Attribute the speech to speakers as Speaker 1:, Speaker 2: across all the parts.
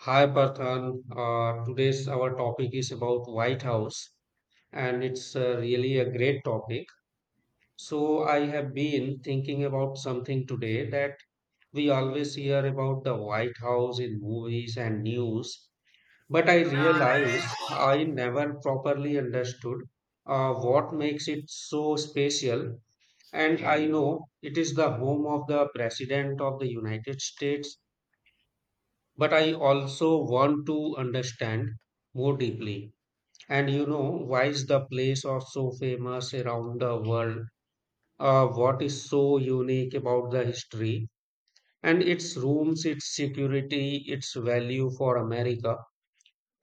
Speaker 1: Hi Parthan, today's our topic is about White House, and it's really a great topic. So I have been thinking about something today that we always hear about the White House in movies and news, but I realize I never properly understood what makes it so special. And I know it is the home of the President of the United States. But I also want to understand more deeply. And you know, why is the place of so famous around the world? What is so unique about the history and its rooms, its security, its value for America?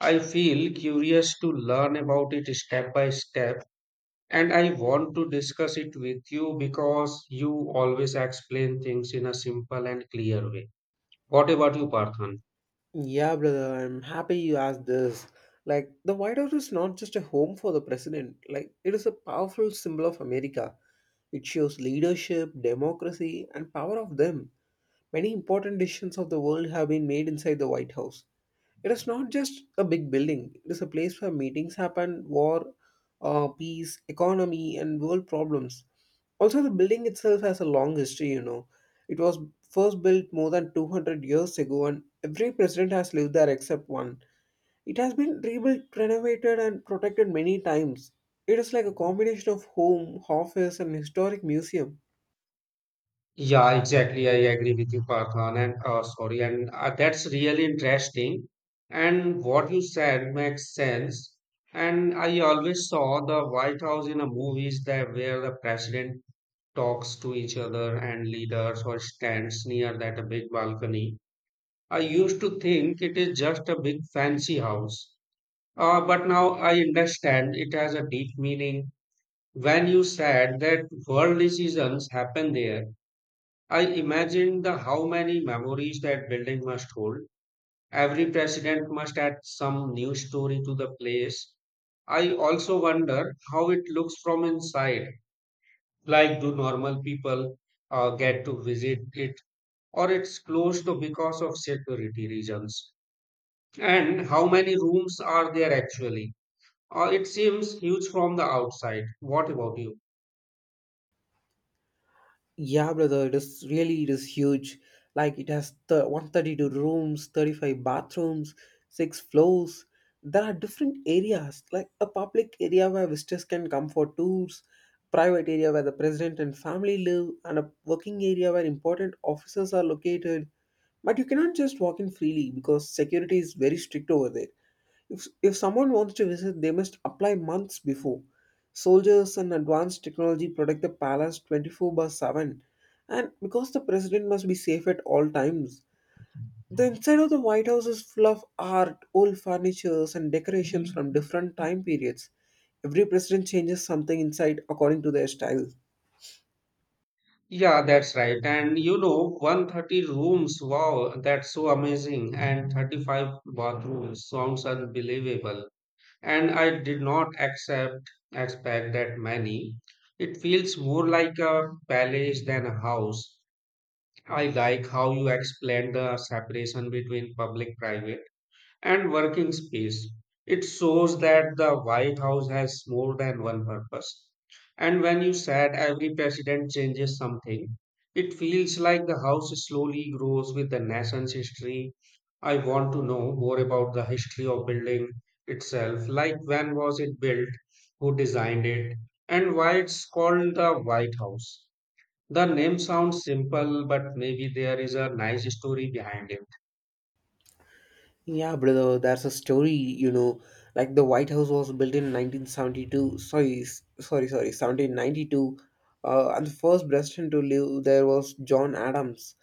Speaker 1: I feel curious to learn about it step by step, and I want to discuss it with you because you always explain things in a simple and clear way. What about you, Parthan?
Speaker 2: Yeah, brother, I'm happy you asked this. Like, the White House is not just a home for the president, like, it is a powerful symbol of America. It shows leadership, democracy, and power of them. Many important decisions of the world have been made inside the White House. It is not just a big building, it is a place where meetings happen, war, peace, economy, and world problems. Also, the building itself has a long history. It was first built more than 200 years ago, and every president has lived there except one. It has been rebuilt, renovated, and protected many times. It is like a combination of home, office, and historic museum.
Speaker 1: Yeah, exactly. I agree with you, Parthan, and sorry, and that's really interesting. And what you said makes sense. And I always saw the White House in a movies that where the president talks to each other and leaders or stands near that a big balcony. I used to think it is just a big fancy house. But now I understand it has a deep meaning. When you said that world decisions happen there, I imagine the how many memories that building must hold. Every president must add some new story to the place. I also wonder how it looks from inside. Like, do normal people get to visit it, or it's closed to because of security reasons? And how many rooms are there actually? It seems huge from the outside. What about you?
Speaker 2: Yeah, brother, it is huge. Like it has the 132 rooms, 35 bathrooms, six floors. There are different areas, like a public area where visitors can come for tours, private area where the president and family live, and a working area where important offices are located. But you cannot just walk in freely because security is very strict over there. If someone wants to visit, they must apply months before. Soldiers and advanced technology protect the palace 24 by 7. And because the president must be safe at all times, the inside of the White House is full of art, old furnitures, and decorations from different time periods. Every president changes something inside according to their style.
Speaker 1: Yeah, that's right. And you know, 130 rooms, wow, that's so amazing. And 35 bathrooms sounds unbelievable. And I did not accept expect that many. It feels more like a palace than a house. I like how you explained the separation between public private and working space. It shows that the White House has more than one purpose. And when you said every president changes something, it feels like the house slowly grows with the nation's history. I want to know more about the history of building itself, like when was it built, who designed it, and why it's called the White House. The name sounds simple, but maybe there is a nice story behind it.
Speaker 2: Yeah, brother, there's a story, like the White House was built in 1972, sorry, 1792, and the first president to live there was John Adams.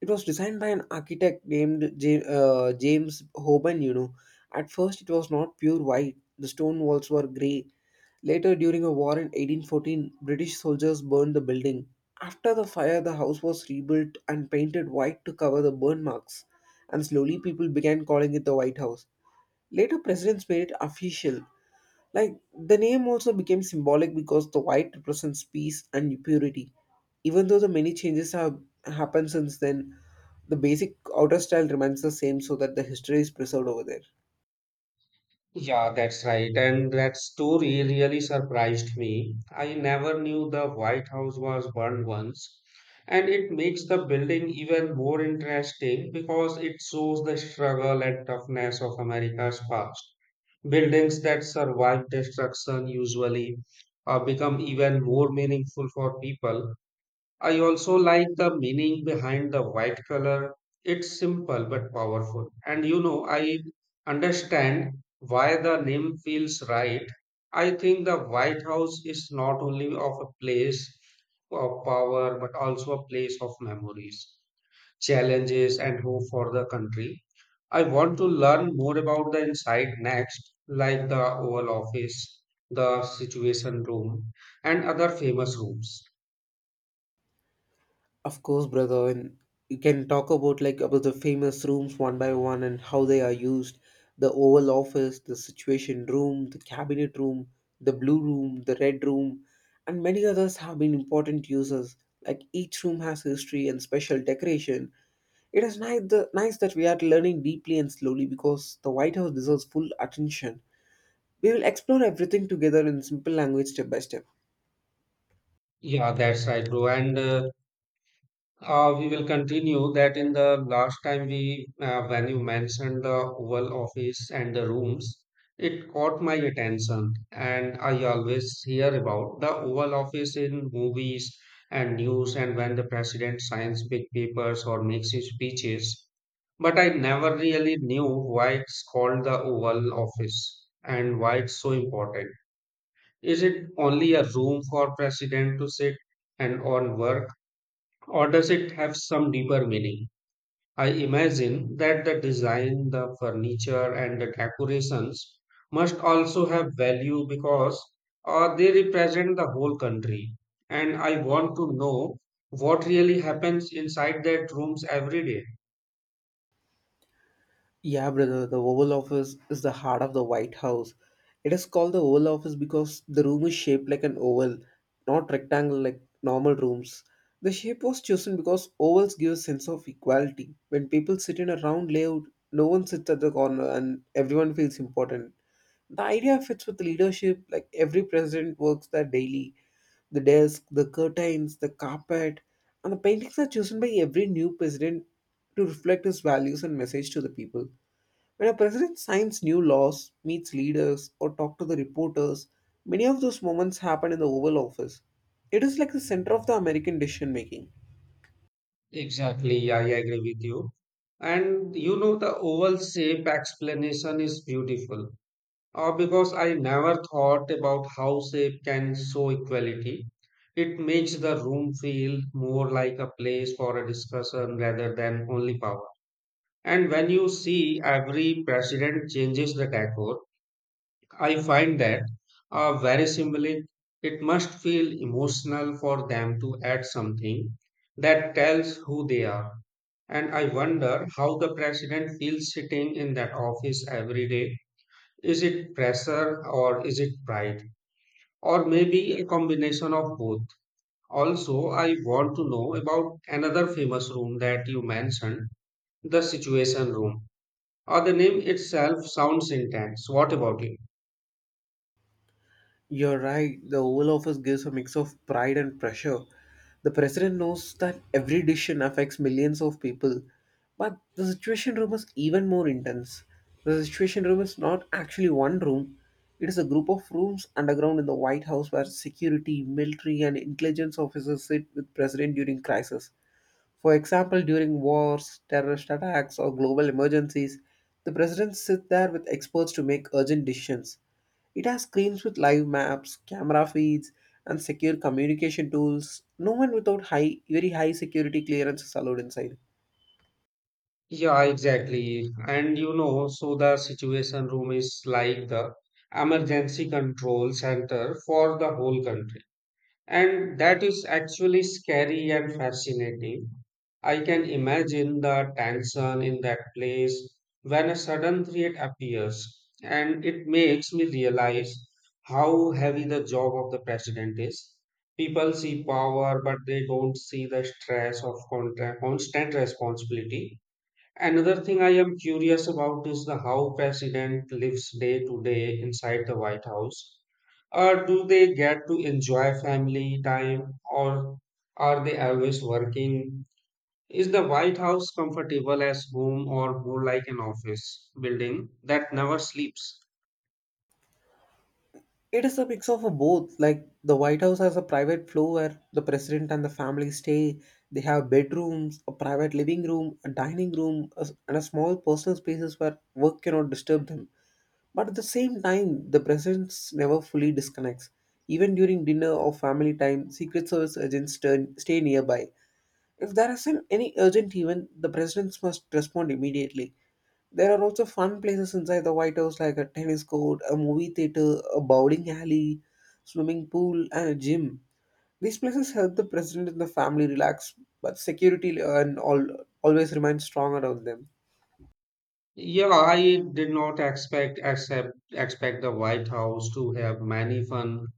Speaker 2: It was designed by an architect named James Hoban. At first, it was not pure white. The stone walls were gray. Later, during a war in 1814, British soldiers burned the building. After the fire, the house was rebuilt and painted white to cover the burn marks, and slowly people began calling it the White House. Later, presidents made it official. Like, the name also became symbolic because the white represents peace and purity. Even though the many changes have happened since then, the basic outer style remains the same so that the history is preserved over there.
Speaker 1: Yeah, that's right. And that story really surprised me. I never knew the White House was burned once. And it makes the building even more interesting because it shows the struggle and toughness of America's past. Buildings that survive destruction usually become even more meaningful for people. I also like the meaning behind the white color. It's simple but powerful. And you know, I understand why the name feels right. I think the White House is not only of a place of power but also a place of memories, challenges, and hope for the country. I want to learn more about the inside next, like the Oval Office, the Situation Room, and other famous rooms.
Speaker 2: Of course, brother, and you can talk about the famous rooms one by one and how they are used. The Oval Office, the Situation Room, the Cabinet Room, the Blue Room, the Red Room, and many others have been important uses. Like each room has history and special decoration. It is nice that we are learning deeply and slowly because the White House deserves full attention. We will explore everything together in simple language step by step.
Speaker 1: Yeah, that's right, bro. And We will continue that in the last time we, when you mentioned the Oval Office and the rooms, it caught my attention. And I always hear about the Oval Office in movies and news, and when the president signs big papers or makes his speeches. But I never really knew why it's called the Oval Office and why it's so important. Is it only a room for president to sit? And on work or does it have some deeper meaning? I imagine that the design, the furniture, and the decorations must also have value because they represent the whole country. And I want to know what really happens inside that rooms every day.
Speaker 2: Yeah, brother, the Oval Office is the heart of the White House. It is called the Oval Office because the room is shaped like an oval, not rectangle like normal rooms. The shape was chosen because ovals give a sense of equality. When people sit in a round layout, no one sits at the corner and everyone feels important. The idea fits with leadership, like every president works there daily. The desk, the curtains, the carpet, and the paintings are chosen by every new president to reflect his values and message to the people. When a president signs new laws, meets leaders, or talks to the reporters, many of those moments happen in the Oval Office. It is like the center of the American decision making.
Speaker 1: Exactly, I agree with you. And you know, the oval shape explanation is beautiful. Or because I never thought about how shape can show equality. It makes the room feel more like a place for a discussion rather than only power. And when you see every president changes the decor, I find that very symbolic. It must feel emotional for them to add something that tells who they are. And I wonder how the president feels sitting in that office every day, is it pressure or is it pride? Or maybe a combination of both. Also, I want to know about another famous room that you mentioned, the Situation Room. Or the name itself sounds intense. What about it?
Speaker 2: You're right, the Oval Office gives a mix of pride and pressure. The president knows that every decision affects millions of people, but the situation room is even more intense. The situation room is not actually one room, it is a group of rooms underground in the White House where security, military, and intelligence officers sit with president during crisis. For example, during wars, terrorist attacks, or global emergencies, the presidents sit there with experts to make urgent decisions. It has screens with live maps, camera feeds, and secure communication tools. No one without high, very high security clearance is allowed inside.
Speaker 1: Yeah, exactly. And you know, so the Situation Room is like the emergency control center for the whole country. And that is actually scary and fascinating. I can imagine the tension in that place when a sudden threat appears, and it makes me realize how heavy the job of the president is. People see power, but they don't see the stress of constant responsibility. Another thing I am curious about is the how president lives day to day inside the White House, or do they get to enjoy family time or are they always working? Is the White House comfortable as home or more like an office building that never sleeps?
Speaker 2: It is a mix of a both. Like the White House has a private floor where the president and the family stay. They have bedrooms, a private living room, a dining room, and a small personal spaces where work cannot disturb them. But at the same time, the presence never fully disconnects. Even during dinner or family time, Secret Service agents stay nearby. If there isn't any urgent event, the presidents must respond immediately. There are also fun places inside the White House like a tennis court, a movie theater, a bowling alley, swimming pool, and a gym. These places help the president and the family relax, but security and all always remain strong around them.
Speaker 1: Yeah, I did not expect the White House to have many fun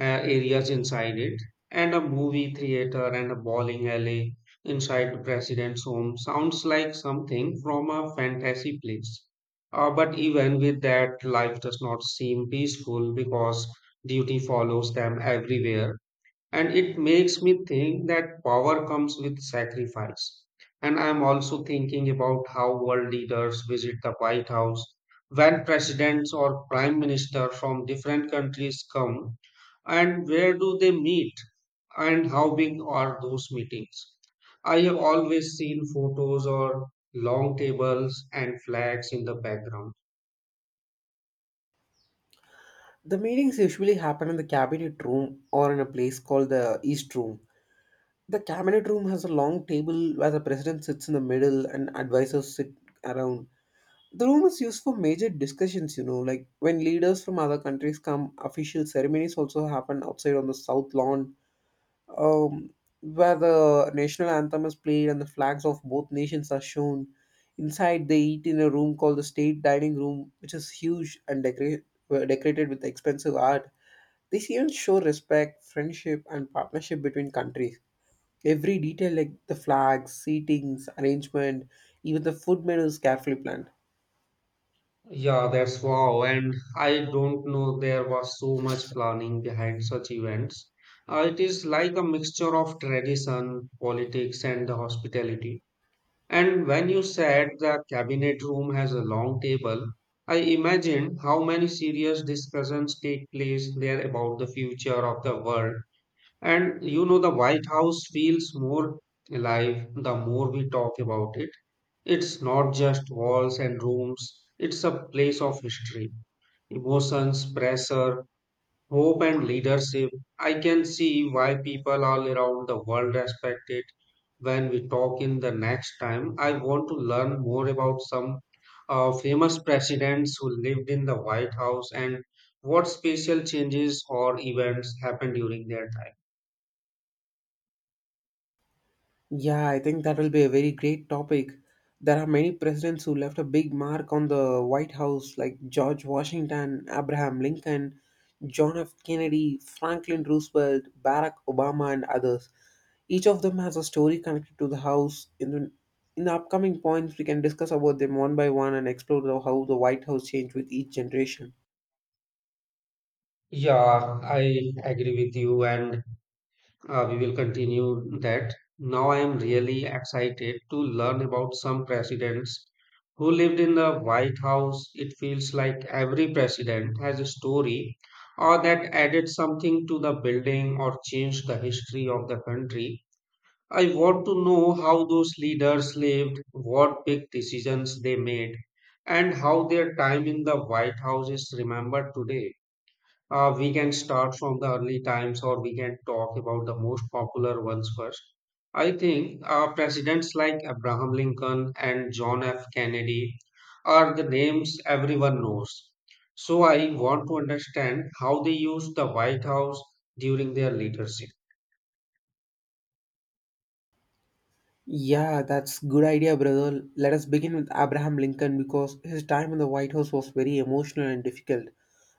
Speaker 1: areas inside it, and a movie theater and a bowling alley inside the president's home sounds like something from a fantasy place. But even with that, life does not seem peaceful because duty follows them everywhere, and it makes me think that power comes with sacrifice. And I'm also thinking about how world leaders visit the White House, when presidents or prime minister from different countries come and where do they meet and how big are those meetings. I have always seen photos or long tables and flags in the background.
Speaker 2: The meetings usually happen in the cabinet room or in a place called the East Room. The cabinet room has a long table where the president sits in the middle and advisors sit around. The room is used for major discussions, like when leaders from other countries come, official ceremonies also happen outside on the south lawn, um, where the national anthem is played and the flags of both nations are shown. Inside, they eat in a room called the state dining room, which is huge and decorated with expensive art. These events show respect, friendship, and partnership between countries. Every detail, like the flags, seatings, arrangement, even the food menu, is carefully planned.
Speaker 1: Yeah, that's wow. And I don't know there was so much planning behind such events. It is like a mixture of tradition, politics, and the hospitality. And when you said the cabinet room has a long table, I imagined how many serious discussions take place there about the future of the world. And you know, the White House feels more alive the more we talk about it. It's not just walls and rooms, it's a place of history, emotions, pressure, hope, and leadership. I can see why people all around the world respect it. When we talk in the next time, I want to learn more about some famous presidents who lived in the White House and what special changes or events happened during their time.
Speaker 2: Yeah, I think that will be a very great topic. There are many presidents who left a big mark on the White House, like George Washington, Abraham Lincoln, John F. Kennedy, Franklin Roosevelt, Barack Obama, and others. Each of them has a story connected to the house. In the upcoming points, we can discuss about them one by one and explore how the White House changed with each generation.
Speaker 1: Yeah, I agree with you. And we will continue that. Now I am really excited to learn about some presidents who lived in the White House. It feels like every president has a story or that added something to the building or changed the history of the country. I want to know how those leaders lived, what big decisions they made, and how their time in the White House is remembered today. We can start from the early times or we can talk about the most popular ones first. I think presidents like Abraham Lincoln and John F. Kennedy are the names everyone knows. So I want to understand how they used the White House during their leadership.
Speaker 2: Yeah, that's good idea, brother. Let us begin with Abraham Lincoln because his time in the White House was very emotional and difficult.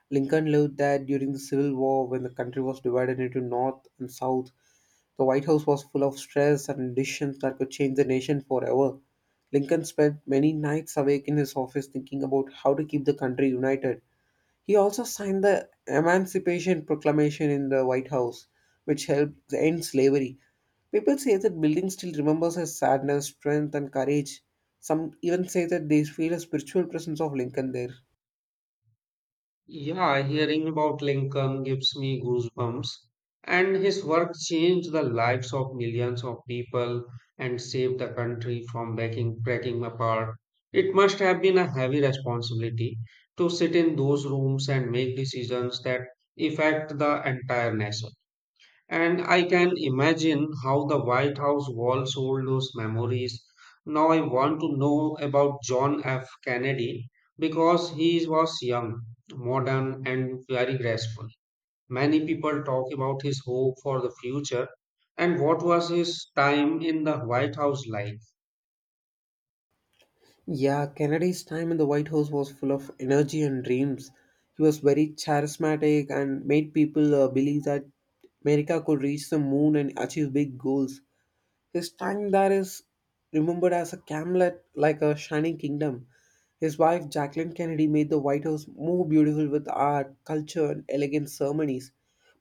Speaker 2: Lincoln lived that during the Civil War when the country was divided into North and South. The White House was full of stress and decisions that could change the nation forever. Lincoln spent many nights awake in his office thinking about how to keep the country united. He also signed the Emancipation Proclamation in the White House, which helped end slavery. People say that building still remembers his sadness, strength, and courage. Some even say that they feel a spiritual presence of Lincoln there.
Speaker 1: Yeah, hearing about Lincoln gives me goosebumps. And his work changed the lives of millions of people and saved the country from breaking apart. It must have been a heavy responsibility to sit in those rooms and make decisions that affect the entire nation. And I can imagine how the White House walls hold those memories. Now I want to know about John F. Kennedy because he was young, modern, and very graceful. Many people talk about his hope for the future and what was his time in the White House like.
Speaker 2: Yeah, Kennedy's time in the White House was full of energy and dreams. He was very charismatic and made people believe that America could reach the moon and achieve big goals. His time there is remembered as a camlet like a shining kingdom. His wife, Jacqueline Kennedy, made the White House more beautiful with art, culture, and elegant ceremonies.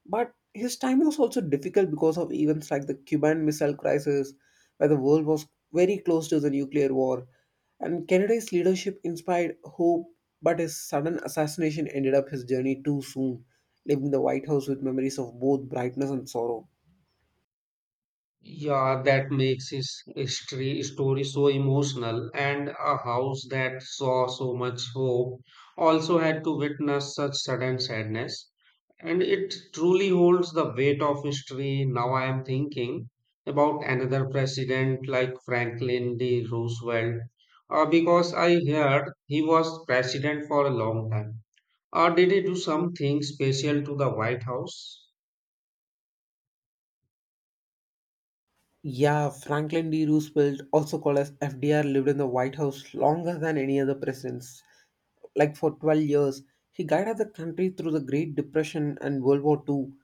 Speaker 2: But his time was also difficult because of events like the Cuban Missile Crisis, where the world was very close to the nuclear war. And Kennedy's leadership inspired hope, but his sudden assassination ended up his journey too soon, leaving the White House with memories of both brightness and sorrow.
Speaker 1: Yeah, that makes his history story so emotional, and a house that saw so much hope also had to witness such sudden sadness. And it truly holds the weight of history. Now I am thinking about another president like Franklin D. Roosevelt, because I heard he was president for a long time. Or did he do something special to the White House?
Speaker 2: Yeah, Franklin D. Roosevelt, also called as FDR, lived in the White House longer than any other presidents, like for 12 years. He guided the country through the Great Depression and World War II.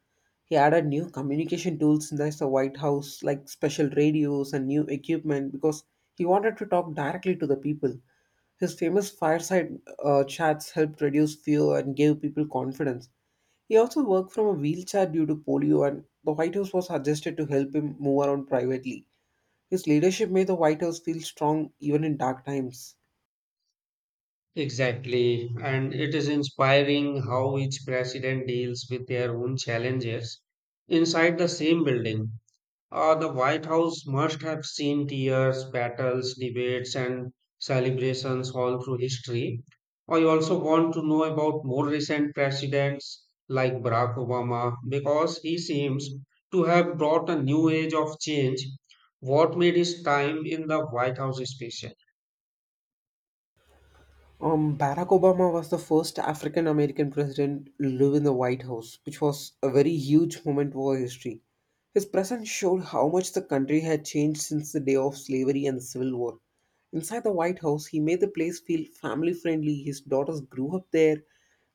Speaker 2: He added new communication tools in the White House, like special radios and new equipment, because he wanted to talk directly to the people. His famous fireside chats helped reduce fear and gave people confidence. He also worked from a wheelchair due to polio, and the White House was suggested to help him move around privately. His leadership made the White House feel strong even in dark times.
Speaker 1: Exactly. And it is inspiring how each president deals with their own challenges inside the same building. The White House must have seen tears, battles, debates, and celebrations all through history. I also want to know about more recent presidents like Barack Obama because he seems to have brought a new age of change. What made his time in the White House special?
Speaker 2: Barack Obama was the first African American president to live in the White House, which was a very huge moment for history. His presence showed how much the country had changed since the day of slavery and the Civil War. Inside the White House, he made the place feel family friendly. His daughters grew up there,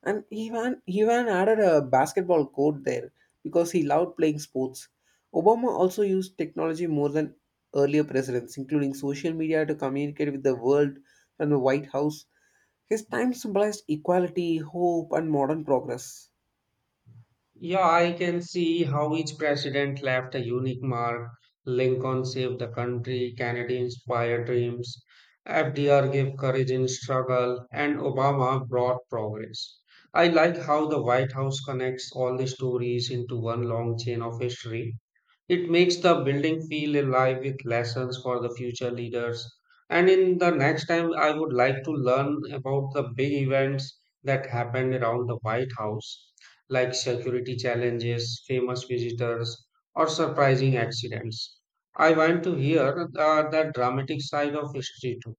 Speaker 2: and he even added a basketball court there because he loved playing sports. Obama also used technology more than earlier presidents, including social media, to communicate with the world from the White House. His time symbolized equality, hope, and modern progress.
Speaker 1: Yeah, I can see how each president left a unique mark. Lincoln saved the country, Kennedy inspired dreams, FDR gave courage in struggle, and Obama brought progress. I like how the White House connects all the stories into one long chain of history. It makes the building feel alive with lessons for the future leaders. And in the next time, I would like to learn about the big events that happened around the White House, like security challenges, famous visitors, or surprising accidents. I want to hear the dramatic side of history too.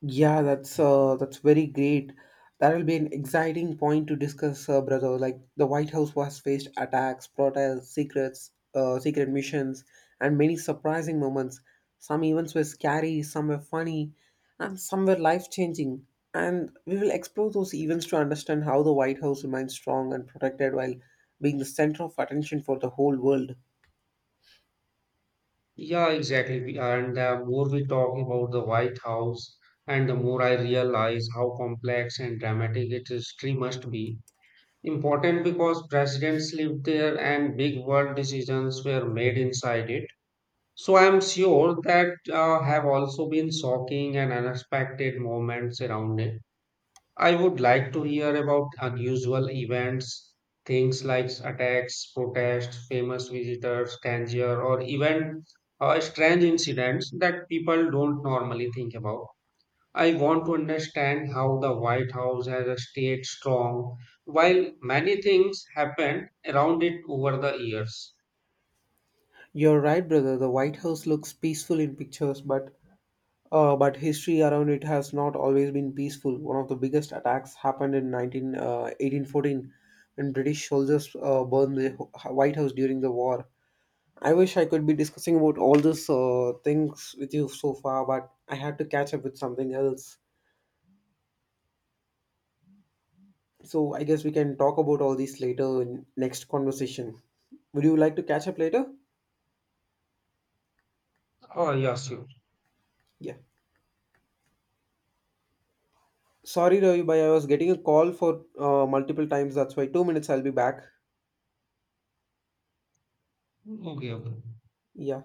Speaker 2: Yeah, that's very great. That will be an exciting point to discuss, brother. Like the White House was faced attacks, protests, secret missions, and many surprising moments. Some events were scary, some were funny, and some were life-changing. And we will explore those events to understand how the White House remains strong and protected while being the center of attention for the whole world.
Speaker 1: Yeah, exactly. And the more we talk about the White House, and the more I realize how complex and dramatic its history must be. Important because presidents lived there and big world decisions were made inside it. So I'm sure that have also been shocking and unexpected moments around it. I would like to hear about unusual events, things like attacks, protests, famous visitors, danger, or even strange incidents that people don't normally think about. I want to understand how the White House has stayed strong while many things happened around it over the years.
Speaker 2: You're right, brother. The White House looks peaceful in pictures, but history around it has not always been peaceful. One of the biggest attacks happened in 1814 when British soldiers burned the White House during the war. I wish I could be discussing about all these things with you so far, but I had to catch up with something else. So I guess we can talk about all these later in next conversation. Would you like to catch up later?
Speaker 1: Oh, yes, you.
Speaker 2: Yeah. Sorry, Ravi, bhai, I was getting a call for multiple times. That's why 2 minutes. I'll be back.
Speaker 1: Okay, okay.
Speaker 2: Yeah.